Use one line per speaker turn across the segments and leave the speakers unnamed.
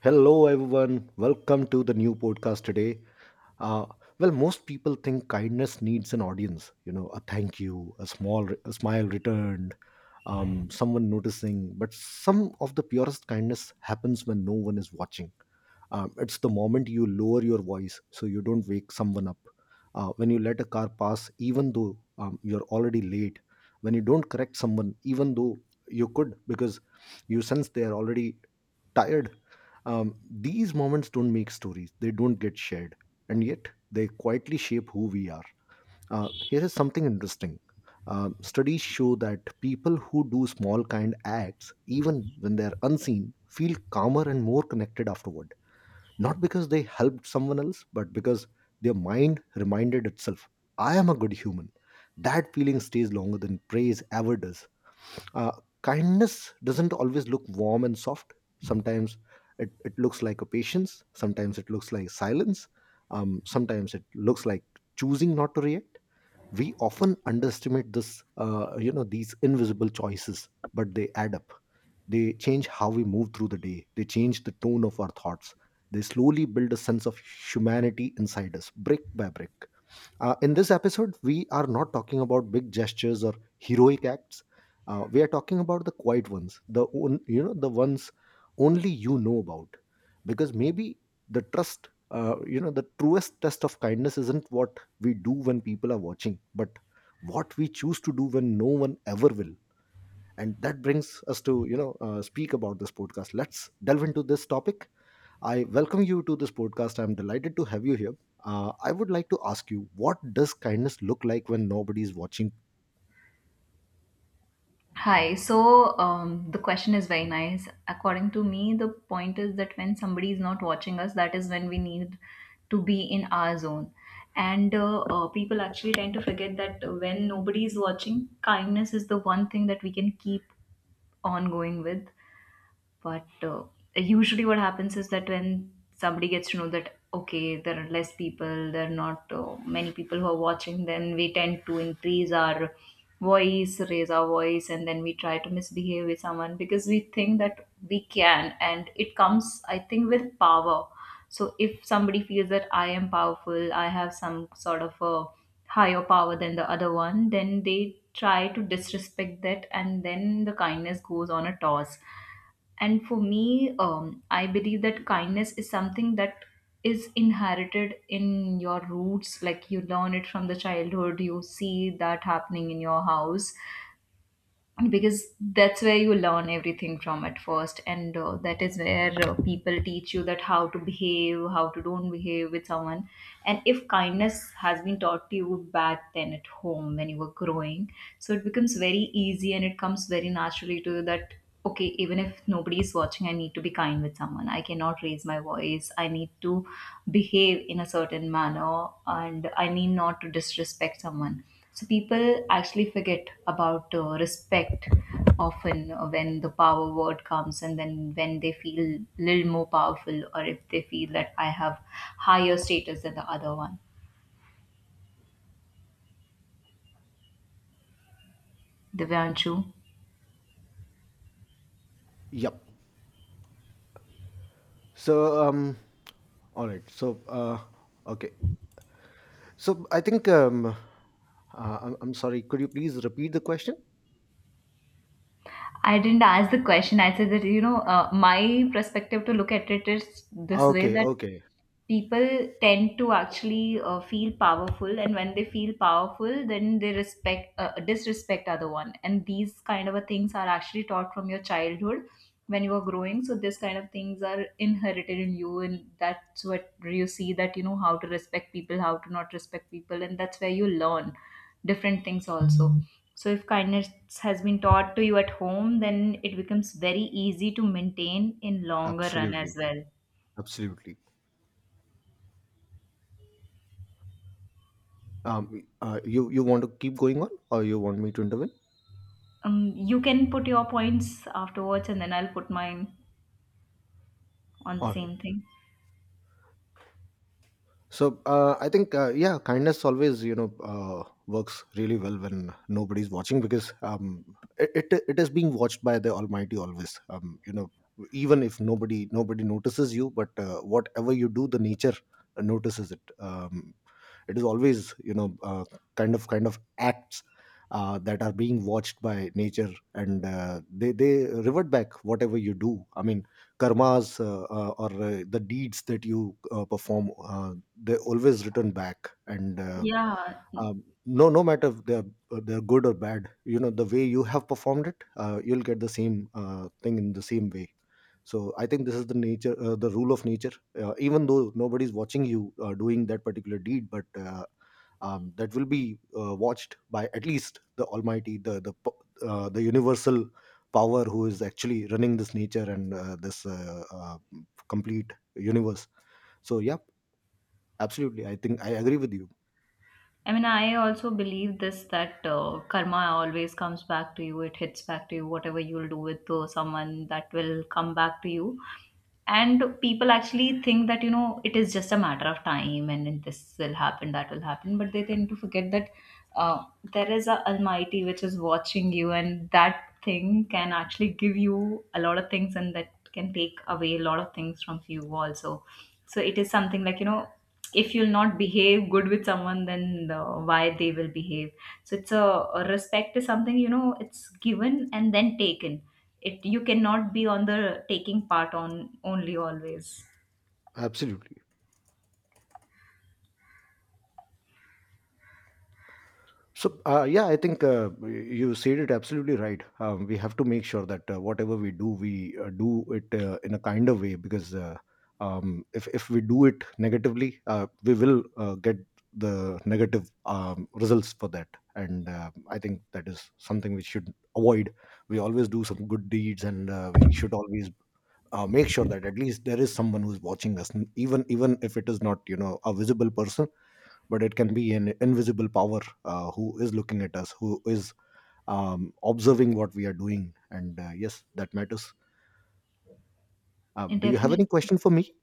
Hello, everyone. Welcome to the new podcast today. Uh, Most people think kindness needs an audience. You know, a thank you, a smile returned, someone noticing. But some of the purest kindness happens when no one is watching. It's the moment you lower your voice so you don't wake someone up. When you let a car pass, even though you're already late. When you don't correct someone, even though you could, because you sense they are already tired. These moments don't make stories, they don't get shared, and yet they quietly shape who we are. Here is something interesting. Studies show that people who do small kind acts, even when they are unseen, feel calmer and more connected afterward. Not because they helped someone else, but because their mind reminded itself, I am a good human. That feeling stays longer than praise ever does. Uh, kindness doesn't always look warm and soft. Sometimes it looks like a patience. Sometimes it looks like silence. Sometimes it looks like choosing not to react. We often underestimate this, you know, these invisible choices, but they add up. They change how we move through the day. They change the tone of our thoughts. They slowly build a sense of humanity inside us, brick by brick. In this episode, we are not talking about big gestures or heroic acts. We are talking about the quiet ones, you know, the ones only you know about, because maybe you know, the truest test of kindness isn't what we do when people are watching, but what we choose to do when no one ever will. And that brings us to, you know, speak about this podcast. Let's delve into this topic. I welcome you to this podcast. I'm delighted to have you here. I would like to ask you, what does kindness look like when nobody is watching?
Hi. The question is very nice. According to me, the point is that when somebody is not watching us, that is when we need to be in our zone. And People actually tend to forget that when nobody is watching, kindness is the one thing that we can keep on going with. But Usually, what happens is that when somebody gets to know that, okay, there are less people, there are not many people who are watching, then we tend to increase our voice, raise our voice, and then we try to misbehave with someone because we think that we can. And it comes, I think, with power. So if somebody feels that I am powerful, I have some sort of a higher power than the other one, then they try to disrespect that, and then the kindness goes on a toss. And for me, I believe that kindness is something that is inherited in your roots. Like you learn it from the childhood, you see that happening in your house because that's where you learn everything from at first, and that is where people teach you that how to behave, how to don't behave with someone. And if kindness has been taught to you back then at home when you were growing, so it becomes very easy and it comes very naturally to you that okay, even if nobody is watching, I need to be kind with someone, I cannot raise my voice, I need to behave in a certain manner, and I need not to disrespect someone. So people actually forget about respect often when the power word comes, and then when they feel little more powerful, or if they feel that I have higher status than the other one. Divyanshu,
Yep. So, all right. So, okay. So, I think, I'm sorry. Could you please repeat the question?
I didn't ask the question. I said that my perspective to look at it is this way,
Okay.
that
Okay.
people tend to actually feel powerful, and when they feel powerful, then they respect, disrespect other one, and these kind of a things are actually taught from your childhood when you are growing, so this kind of things are inherited in you, and that's what you see, that you know how to respect people, how to not respect people, and that's where you learn different things also. So if kindness has been taught to you at home, then it becomes very easy to maintain in longer run as
Absolutely.
well.
Absolutely. You want to keep going on, or you want me to intervene?
You can put your points afterwards, and then I'll put mine on the
All right.
same thing.
So I think yeah, kindness always, you know, works really well when nobody's watching because it is being watched by the Almighty always. You know, even if nobody notices you, but whatever you do, the nature notices it. It is always, you know, kind of acts. That are being watched by nature, and they revert back whatever you do. I mean, karmas, or the deeds that you perform, they always return back, and
Yeah,
no, no matter if they're they're good or bad, you know, the way you have performed it, you'll get the same thing in the same way. So I think this is the nature, the rule of nature. Even though nobody's watching you doing that particular deed, but that will be watched by at least the Almighty, the universal power, who is actually running this nature and this complete universe. So yeah. Absolutely. I think I agree with you.
I mean, I also believe this that karma always comes back to you. It hits back to you. Whatever you'll do with someone, that will come back to you. And people actually think that you know it is just a matter of time and then this will happen, that will happen, but they tend to forget that uh, there is a almighty which is watching you, and that thing can actually give you a lot of things, and that can take away a lot of things from you also. So it is something like, you know, if you'll not behave good with someone, then why they will behave. So it's a respect is something, you know, it's given and then taken. It, you cannot be on the taking part on only always.
Absolutely. So, yeah, I think you said it absolutely right. We have to make sure that whatever we do it in a kinder way, because if we do it negatively, we will get the negative results for that. And I think that is something we should avoid. We always do some good deeds, and we should always make sure that at least there is someone who's watching us, even if it is not, you know, a visible person, but it can be an invisible power, who is looking at us, who is observing what we are doing, and yes, that matters.
And
Do you have
definitely.
any question for me?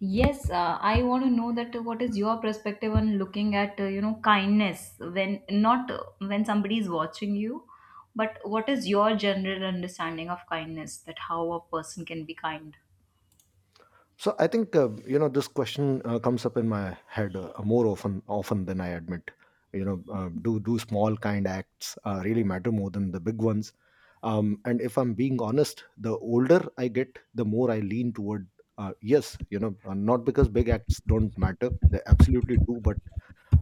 Yes, I want to know that what is your perspective on looking at, you know, kindness when not when somebody is watching you, but what is your general understanding of kindness, that how a person can be kind?
So I think, you know, this question comes up in my head more often than I admit. You know, do small kind acts really matter more than the big ones? And if I'm being honest, the older I get, the more I lean toward yes. You know, not because big acts don't matter, they absolutely do, but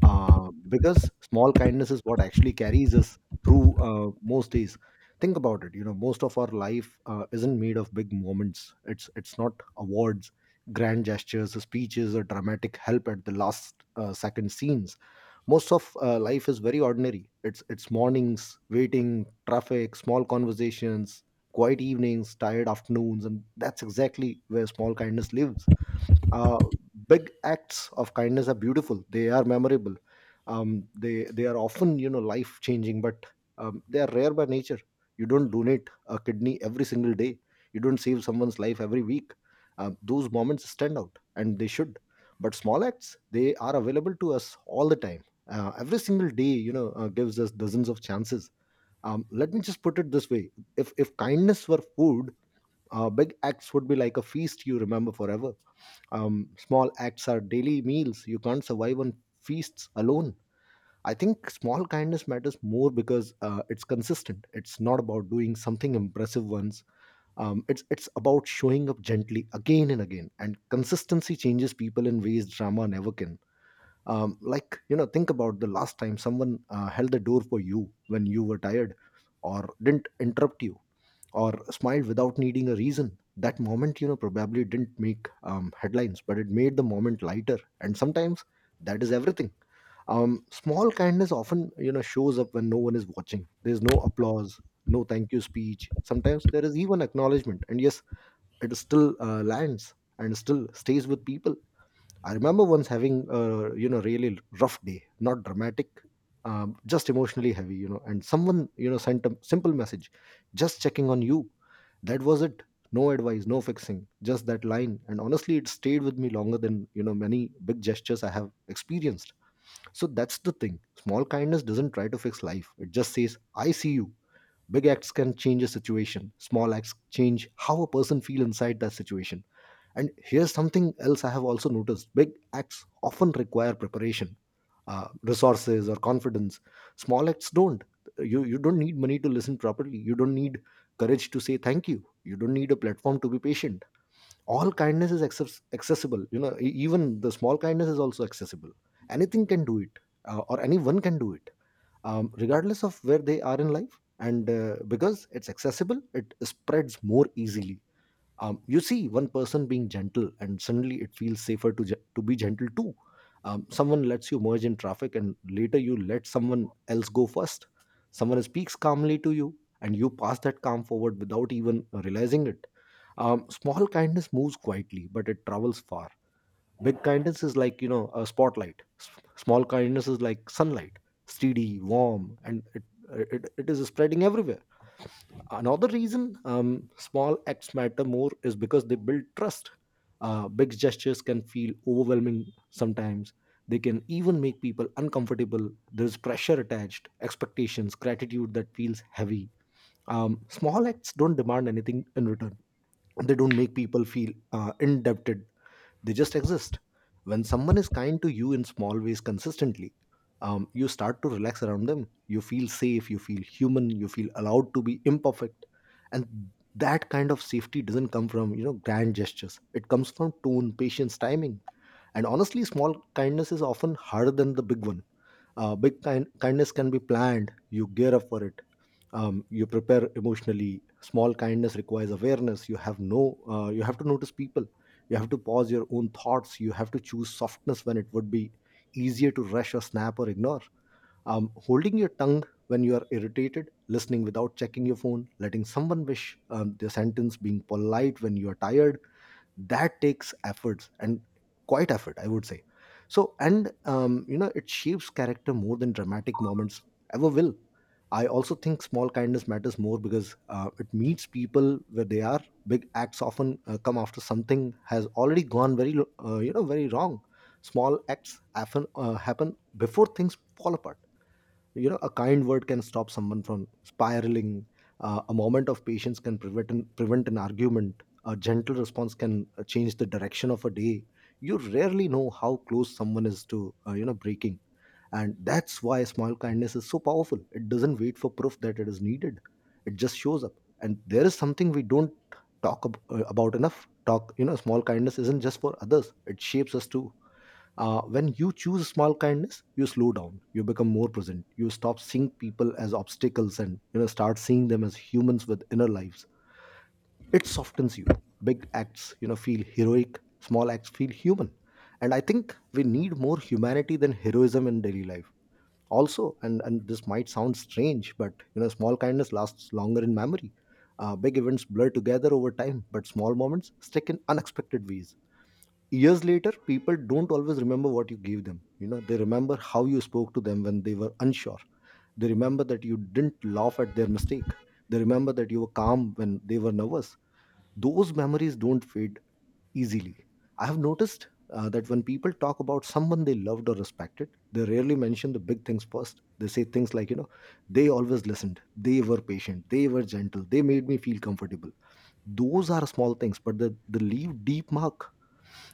because small kindness is what actually carries us through most days. Think about it. You know, most of our life isn't made of big moments. It's not awards, grand gestures, speeches, or dramatic help at the last second scenes. Most of life is very ordinary. It's mornings, waiting traffic, small conversations, quiet evenings, tired afternoons, and that's exactly where small kindness lives. uh, Big acts of kindness are beautiful, they are memorable. They are often, you know, life changing. But they are rare by nature. You don't donate a kidney every single day. You don't save someone's life every week. Those moments stand out, and they should. But small acts, they are available to us all the time. Every single day, you know, gives us dozens of chances. Let me just put it this way. If kindness were food, big acts would be like a feast you remember forever. Small acts are daily meals. You can't survive on feasts alone. I think small kindness matters more because it's consistent. It's not about doing something impressive once. It's about showing up gently again and again. And consistency changes people in ways drama never can. Like, you know, think about the last time someone held the door for you when you were tired, or didn't interrupt you, or smiled without needing a reason. That moment, you know, probably didn't make headlines, but it made the moment lighter, and sometimes that is everything. Small kindness often, you know, shows up when no one is watching. There's no applause, no thank you speech, sometimes there is even acknowledgement, and yes, it still lands and still stays with people. I remember once having a, you know, really rough day, not dramatic, just emotionally heavy, you know. And someone, you know, sent a simple message, just checking on you. That was it. No advice, no fixing, just that line. And honestly, it stayed with me longer than, you know, many big gestures I have experienced. So that's the thing. Small kindness doesn't try to fix life. It just says, "I see you." Big acts can change a situation. Small acts change how a person feel inside that situation. And here's something else I have also noticed. Big acts often require preparation, resources, or confidence. Small acts don't. You don't need money to listen properly. You don't need courage to say thank you. You don't need a platform to be patient. All kindness is access- accessible. You know, even the small kindness is also accessible. Anything can do it, or anyone can do it, regardless of where they are in life. And because it's accessible, it spreads more easily. You see one person being gentle, and suddenly it feels safer to to be gentle too. Someone lets you merge in traffic, and later you let someone else go first. Someone speaks calmly to you, and you pass that calm forward without even realizing it. Small kindness moves quietly, but it travels far. Big kindness is like, you know, a spotlight. Small kindness is like sunlight, steady, warm, and it is spreading everywhere. Another reason small acts matter more is because they build trust. Big gestures can feel overwhelming sometimes. They can even make people uncomfortable. There's pressure attached, expectations, gratitude that feels heavy. Small acts don't demand anything in return. They don't make people feel indebted. They just exist. When someone is kind to you in small ways consistently, you start to relax around them. You feel safe, you feel human, you feel allowed to be imperfect. And that kind of safety doesn't come from, you know, grand gestures. It comes from tone, patience, timing. And honestly, small kindness is often harder than the big one. Kindness can be planned. You gear up for it. You prepare emotionally. Small kindness requires awareness. You have no. You have to notice people. You have to pause your own thoughts. You have to choose softness when it would be easier to rush or snap or ignore. Holding your tongue when you are irritated, listening without checking your phone, letting someone wish their sentence, being polite when you are tired, that takes efforts and quite effort, I would say. So and um, you know, it shapes character more than dramatic moments ever will. I also think small kindness matters more because it meets people where they are. Big acts often come after something has already gone very you know, very wrong. Small acts often happen before things fall apart. You know, a kind word can stop someone from spiraling. A moment of patience can prevent an argument. A gentle response can change the direction of a day. You rarely know how close someone is to you know, breaking. And that's why small kindness is so powerful. It doesn't wait for proof that it is needed, it just shows up. And there is something we don't about enough talk. You know, small kindness isn't just for others, it shapes us too. When you choose small kindness, you slow down, you become more present, you stop seeing people as obstacles, and you know, start seeing them as humans with inner lives. It softens you. Big acts, you know, feel heroic, small acts feel human. And I think we need more humanity than heroism in daily life. Also, and this might sound strange, but you know, small kindness lasts longer in memory. Big events blur together over time, but small moments stick in unexpected ways. Years later, people don't always remember what you gave them. You know, they remember how you spoke to them when they were unsure. They remember that you didn't laugh at their mistake. They remember that you were calm when they were nervous. Those memories don't fade easily. I have noticed that when people talk about someone they loved or respected, they rarely mention the big things first. They say things like, you know, they always listened, they were patient, they were gentle, they made me feel comfortable. Those are small things, but they leave deep mark.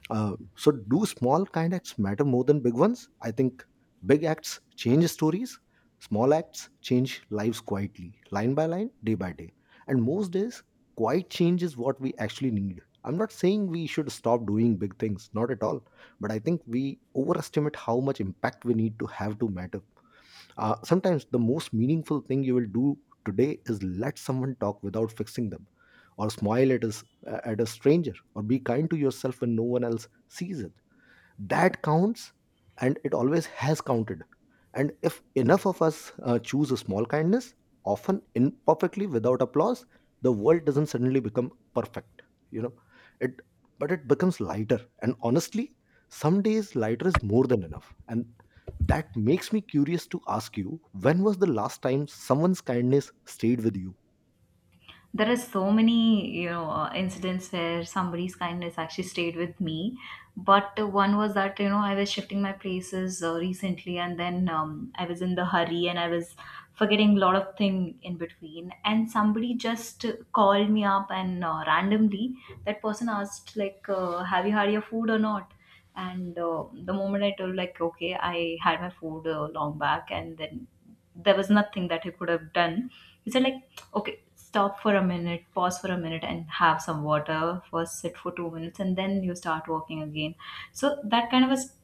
So, do small kind acts matter more than big ones? I think big acts change stories, small acts change lives quietly, line by line, day by day. And most days, quiet change is what we actually need. I'm not saying we should stop doing big things, not at all. But I think we overestimate how much impact we need to have to matter. Sometimes the most meaningful thing you will do today is let someone talk without fixing them, or smile at at a stranger, or be kind to yourself when no one else sees it. That counts, and it always has counted. And if enough of us choose a small kindness, often imperfectly, without applause, the world doesn't suddenly become perfect, you know it, but it becomes lighter. And honestly, some days lighter is more than enough. And that makes me curious to ask you, when was the last time someone's kindness stayed with you?
There are so many, incidents where somebody's kindness actually stayed with me. But one was that, you know, I was shifting my places recently, and then I was in the hurry, and I was forgetting a lot of thing in between, and somebody just called me up and randomly that person asked, like, have you had your food or not? And the moment I told, like, okay, I had my food long back, and then there was nothing that I could have done, he said like, okay, stop for a minute, pause for a minute, and have some water. First, sit for 2 minutes, and then you start walking again. So that kind of a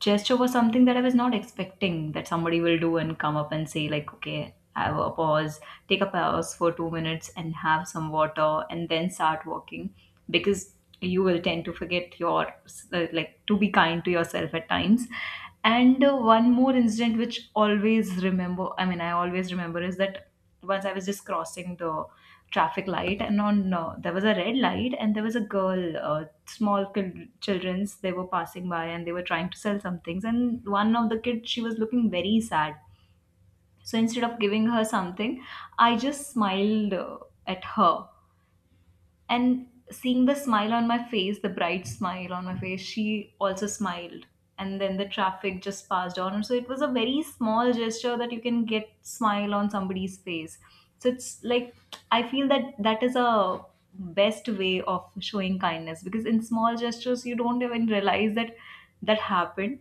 gesture was something that I was not expecting, that somebody will do and come up and say, like, okay, have a pause, take a pause for 2 minutes, and have some water, and then start walking, because you will tend to forget your like to be kind to yourself at times. And one more incident which always remember, I mean, I always remember, is that once I was just crossing the traffic light, and on there was a red light, and there was a girl, small kid, childrens, they were passing by, and they were trying to sell some things. And one of the kids, she was looking very sad. So instead of giving her something, I just smiled at her, and seeing the smile on my face, the bright smile on my face, she also smiled. And then the traffic just passed on. So it was a very small gesture that you can get smile on somebody's face. So it's like, I feel that that is a best way of showing kindness, because in small gestures you don't even realize that that happened.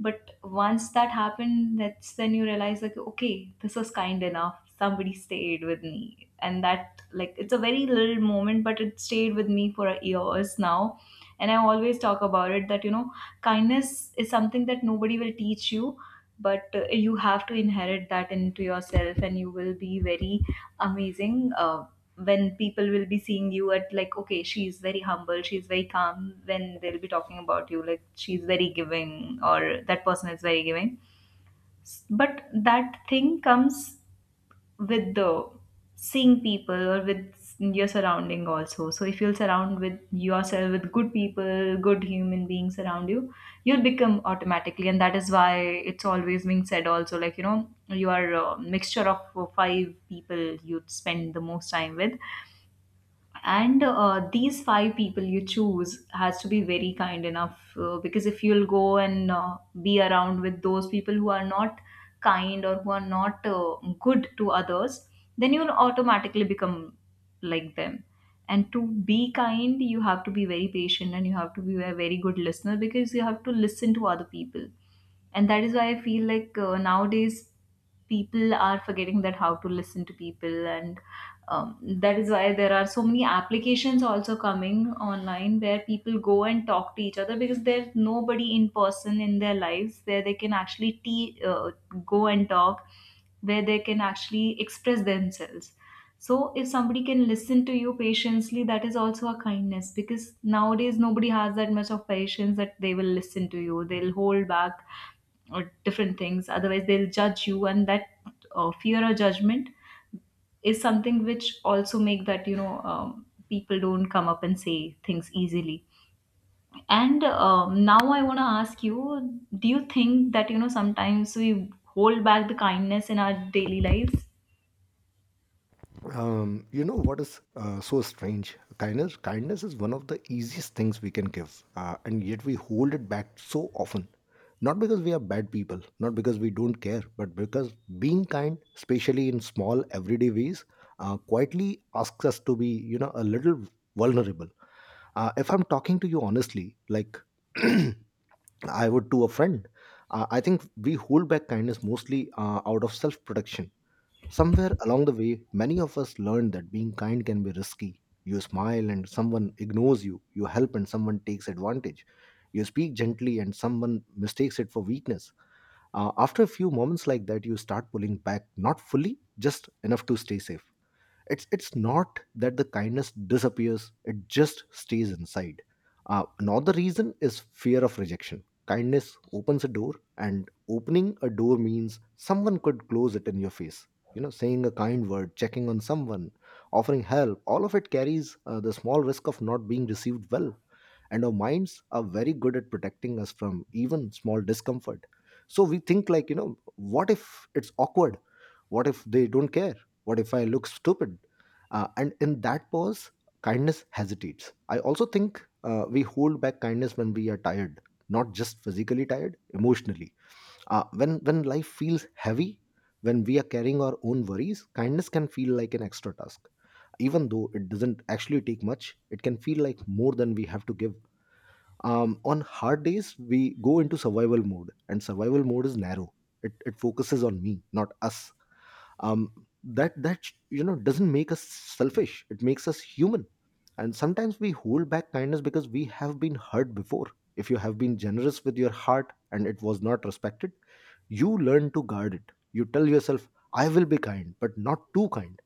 But once that happened, that's when you realize, like, okay, this was kind enough, somebody stayed with me, and that, like, it's a very little moment, but it stayed with me for years now. And I always talk about it that, you know, kindness is something that nobody will teach you, but you have to inherit that into yourself, and you will be very amazing when people will be seeing you at, like, okay, she's very humble, she's very calm, when they'll be talking about you, like, she's very giving, or that person is very giving. But that thing comes with the seeing people or with your surrounding also. So if you'll surround with yourself with good people, good human beings around you, you'll become automatically, and that is why it's always being said also, like, you know, you are a mixture of four, five people you'd spend the most time with. And these five people you choose has to be very kind enough, because if you'll go and be around with those people who are not kind, or who are not good to others, then you'll automatically become like them. And to be kind, you have to be very patient, and you have to be a very good listener, because you have to listen to other people. And that is why I feel like nowadays people are forgetting that how to listen to people, and that is why there are so many applications also coming online where people go and talk to each other, because there's nobody in person in their lives where they can actually go and talk, where they can actually express themselves. So if somebody can listen to you patiently, that is also a kindness, because nowadays nobody has that much of patience that they will listen to you, they'll hold back or different things, otherwise they'll judge you. And that fear or judgment is something which also make that, you know, people don't come up and say things easily. And now I want to ask you, do you think that, you know, sometimes we hold back the kindness in our daily lives?
You know, what is so strange, kindness, is one of the easiest things we can give, and yet we hold it back so often. Not because we are bad people, not because we don't care, but because being kind, especially in small everyday ways, quietly asks us to be, you know, a little vulnerable. If I'm talking to you honestly, like I would to a friend, I think we hold back kindness mostly out of self protection. Somewhere along the way, many of us learned that being kind can be risky. You smile and someone ignores you. You help and someone takes advantage. You speak gently and someone mistakes it for weakness. After a few moments like that, you start pulling back, not fully, just enough to stay safe. It's not that the kindness disappears, it just stays inside. Another reason is fear of rejection. Kindness opens a door, and opening a door means someone could close it in your face. You know, saying a kind word, checking on someone, offering help, all of it carries the small risk of not being received well. And our minds are very good at protecting us from even small discomfort. So we think, like, you know, what if it's awkward, what if they don't care, what if I look stupid? And in that pause, kindness hesitates. I also think we hold back kindness when we are tired. Not just physically tired, emotionally. When life feels heavy, when we are carrying our own worries, kindness can feel like an extra task. Even though it doesn't actually take much, it can feel like more than we have to give. On hard days, we go into survival mode, and survival mode is narrow. It focuses on me, not us. Um, that that you know, doesn't make us selfish, it makes us human. And sometimes we hold back kindness because we have been hurt before. If you have been generous with your heart and it was not respected, you learn to guard it. You tell yourself, I will be kind but not too kind.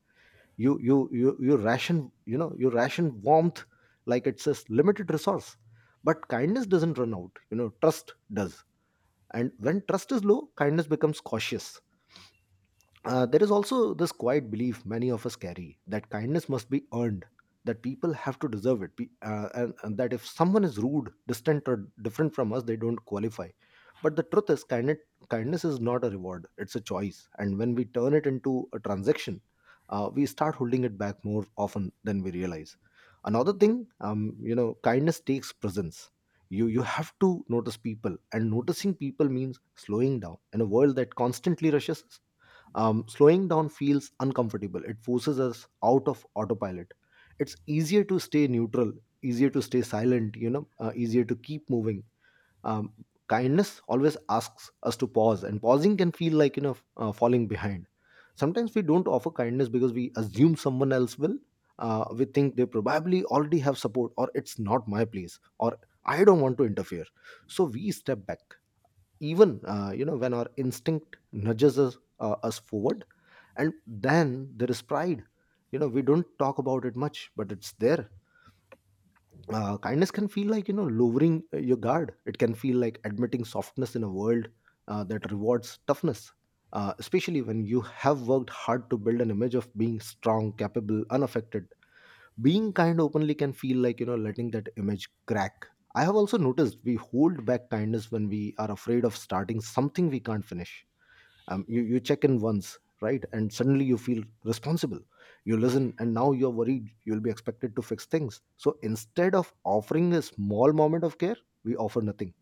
You ration, you know, you ration warmth like it's a limited resource. But kindness doesn't run out, you know, trust does. And when trust is low, kindness becomes cautious. There is also this quiet belief many of us carry, that kindness must be earned, that people have to deserve it, and that if someone is rude, distant, or different from us, they don't qualify. But the truth is, kindness, kindness is not a reward, it's a choice. And when we turn it into a transaction, we start holding it back more often than we realize. Another thing, you know, kindness takes presence. You have to notice people, and noticing people means slowing down in a world that constantly rushes. Slowing down feels uncomfortable. It forces us out of autopilot. It's easier to stay neutral, easier to stay silent, you know, easier to keep moving. Um, Kindness always asks us to pause, and pausing can feel like, you know, falling behind. Sometimes we don't offer kindness because we assume someone else will. We think they probably already have support, or it's not my place, or I don't want to interfere. So we step back, even you know, when our instinct nudges us forward. And then there is pride. You know, we don't talk about it much, but it's there. Kindness can feel like, you know, lowering your guard. It can feel like admitting softness in a world that rewards toughness. Especially when you have worked hard to build an image of being strong, capable, unaffected, being kind openly can feel like, you know, letting that image crack. I have also noticed we hold back kindness when we are afraid of starting something we can't finish. You check in once, right, and suddenly you feel responsible. You listen, and now you're worried you'll be expected to fix things. So instead of offering a small moment of care, we offer nothing.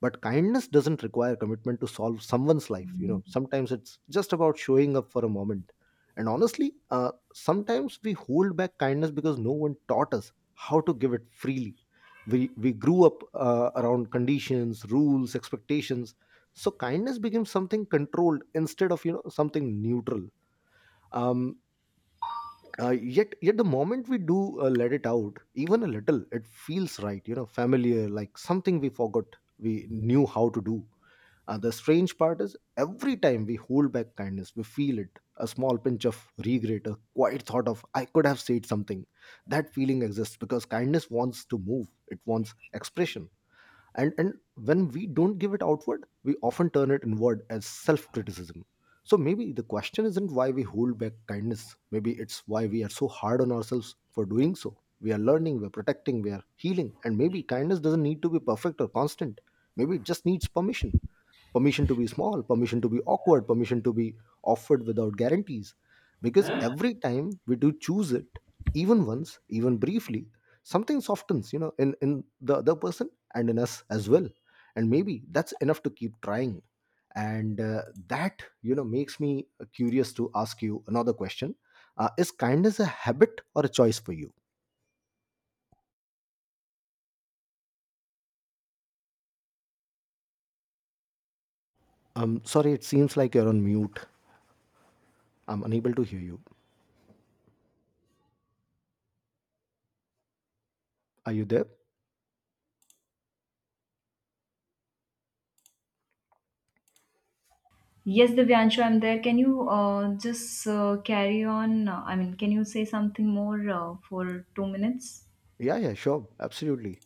But kindness doesn't require commitment to solve someone's life. You know, sometimes it's just about showing up for a moment. And honestly, sometimes we hold back kindness because no one taught us how to give it freely. We grew up around conditions, rules, expectations. So kindness became something controlled instead of, you know, something neutral. Um uh, yet yet the moment we do let it out, even a little, it feels right, you know, familiar, like something we forgot we knew how to do. The strange part is, every time we hold back kindness, we feel it, a small pinch of regret, a quiet thought of, I could have said something. That feeling exists because kindness wants to move, it wants expression. And when we don't give it outward, we often turn it inward as self criticism. So maybe the question isn't why we hold back kindness, maybe it's why we are so hard on ourselves for doing so. We are learning, we're protecting, we are healing. And maybe kindness doesn't need to be perfect or constant, maybe it just needs permission. Permission to be small, permission to be awkward, permission to be offered without guarantees. Because every time we do choose it, even once, even briefly, something softens, you know, in the other person and in us as well. And maybe that's enough to keep trying. And that, you know, makes me curious to ask you another question. Is kindness a habit or a choice for you? Sorry, it seems like you're on mute. I'm unable to hear you. Are you there?
Yes, Divyanshu, I'm there. Can you just carry on, I mean, can you say something more for 2 minutes?
Yeah, yeah, sure, absolutely.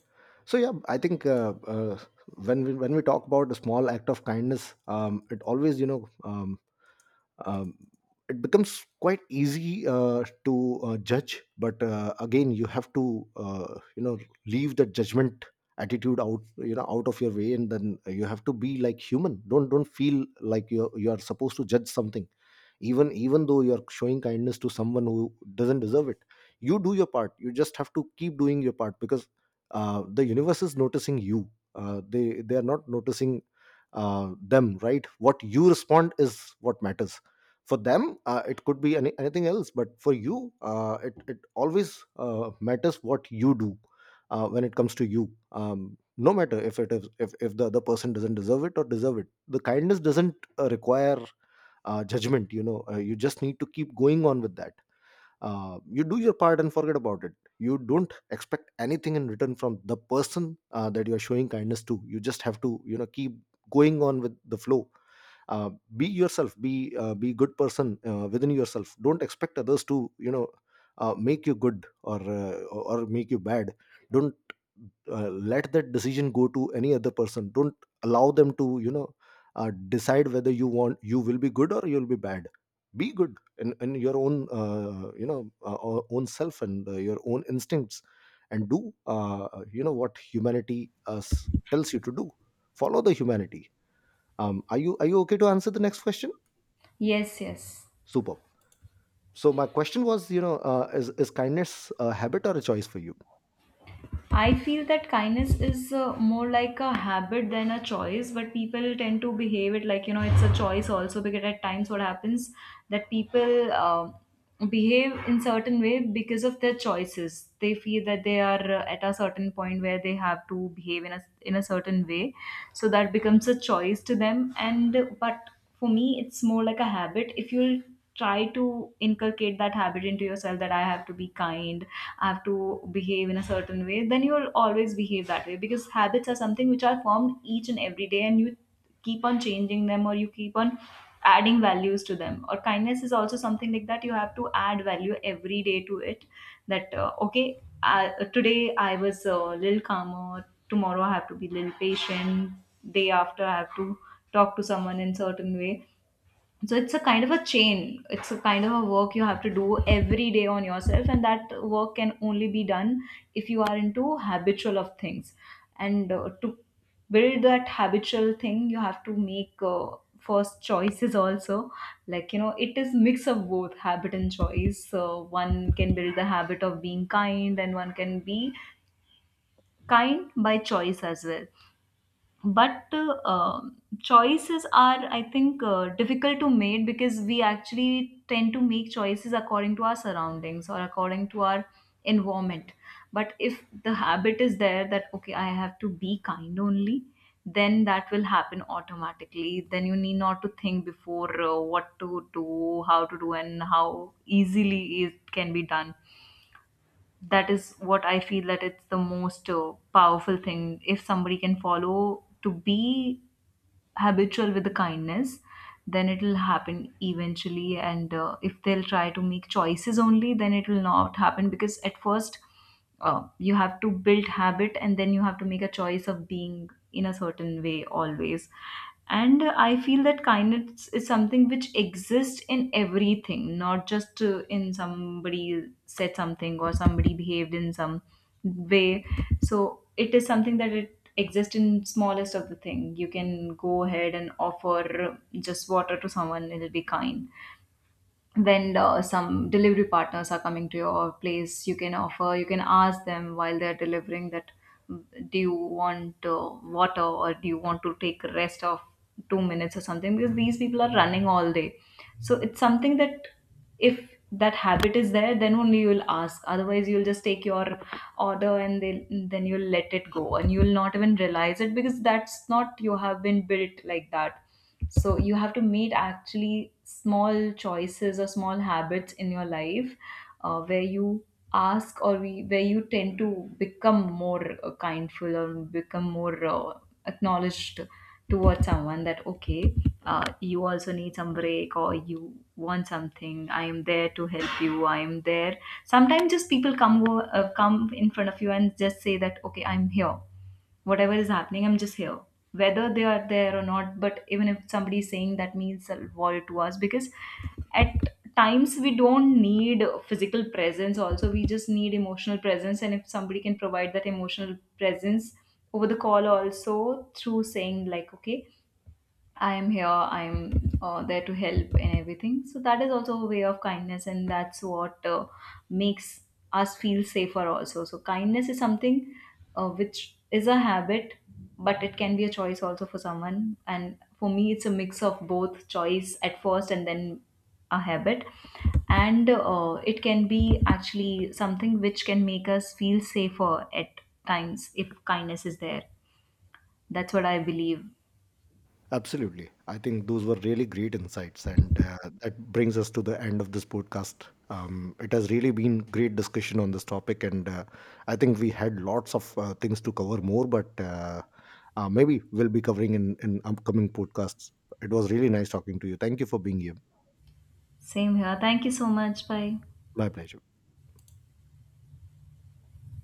So yeah, I think, when we talk about a small act of kindness, it always, you know, um, it becomes quite easy to judge. But again, you have to, you know, leave the judgment attitude out, you know, out of your way, and then you have to be like human. Don't feel like you are supposed to judge something, even even though you're showing kindness to someone who doesn't deserve it. You do your part, you just have to keep doing your part, because the universe is noticing you. They are not noticing them, right? What you respond is what matters. For them, it could be anything else, but for you, it always matters what you do when it comes to you. No matter if it is, if the other person doesn't deserve it or deserve it, the kindness doesn't require judgment, you know. You just need to keep going on with that. You do your part and forget about it. You don't expect anything in return from the person that you are showing kindness to. You just have to, you know, keep going on with the flow. uh, be yourself, be good person within yourself. Don't expect others to, you know, make you good or make you bad. Don't let that decision go to any other person. Don't allow them to, you know, decide whether you will be good or you'll be bad. Be good in your own you know, own self, and your own instincts. And do, you know, what humanity tells you to do. Follow the humanity. Are you, are you okay to answer the next question?
Yes, yes.
Superb. So my question was, you know, is kindness a habit or a choice for you?
I feel that kindness is more like a habit than a choice, but people tend to behave it like, you know, it's a choice also, because at times what happens that people behave in certain way because of their choices. They feel that they are at a certain point where they have to behave in a certain way, so that becomes a choice to them. And But for me, it's more like a habit. If you'll try to inculcate that habit into yourself, that I have to be kind, I have to behave in a certain way, then you'll always behave that way, because habits are something which are formed each and every day, and you keep on changing them, or you keep on adding values to them. Or kindness is also something like that. You have to add value every day to it, that okay, today I was a little calmer, tomorrow I have to be a little patient, day after I have to talk to someone in certain way. So it's a kind of a chain, it's a kind of a work you have to do every day on yourself, and that work can only be done if you are into habitual of things. And To build that habitual thing, you have to make first choices also, like you know, it is mix of both habit and choice. So one can build the habit of being kind, and one can be kind by choice as well. But uh, choices are, I think, difficult to make, because we actually tend to make choices according to our surroundings or according to our environment. But if the habit is there, that okay, I have to be kind only, then that will happen automatically. Then you need not to think before what to do, how to do, and how easily it can be done. That is what I feel, that it's the most powerful thing, if somebody can follow to be habitual with the kindness, then it will happen eventually. And If they'll try to make choices only, then it will not happen, because at first, you have to build habit and then you have to make a choice of being in a certain way always. And I feel that kindness is something which exists in everything, not just in somebody said something or somebody behaved in some way. So it is something that it exists in smallest of the thing. You can go ahead and offer just water to someone, it'll be kind. When some delivery partners are coming to your place, you can offer, you can ask them while they're delivering that, "Mm, do you want water, or do you want to take a rest of 2 minutes or something," because these people are running all day. So it's something that if that habit is there, then only you will ask. Otherwise, you'll just take your order and then you'll let it go, and you'll not even realize it, because that's not you have been built like that. So you have to make actually small choices or small habits in your life, where you ask, or where you tend to become more kindful, or become more acknowledged towards someone, that okay, you also need some break, or you want something, I am there to help you, I am there. Sometimes just people come in front of you and just say that, okay, I'm here, whatever is happening, I'm just here. Whether they are there or not, but even if somebody is saying, that means a world to us. Because at times we don't need physical presence also, we just need emotional presence. And if somebody can provide that emotional presence over the call also, through saying like, okay, I am here, I am there to help and everything. So that is also a way of kindness, and that's what makes us feel safer also. So kindness is something which is a habit, but it can be a choice also for someone. And for me, it's a mix of both, choice at first and then a habit. And It can be actually something which can make us feel safer at times, if kindness is there. That's what I believe.
Absolutely, I think those were really great insights. And that brings us to the end of this podcast. It has really been great discussion on this topic, and I think we had lots of things to cover more but maybe we'll be covering in upcoming podcasts. It was really nice talking to you. Thank you for being here.
Same here. Thank you so much. Bye.
My pleasure.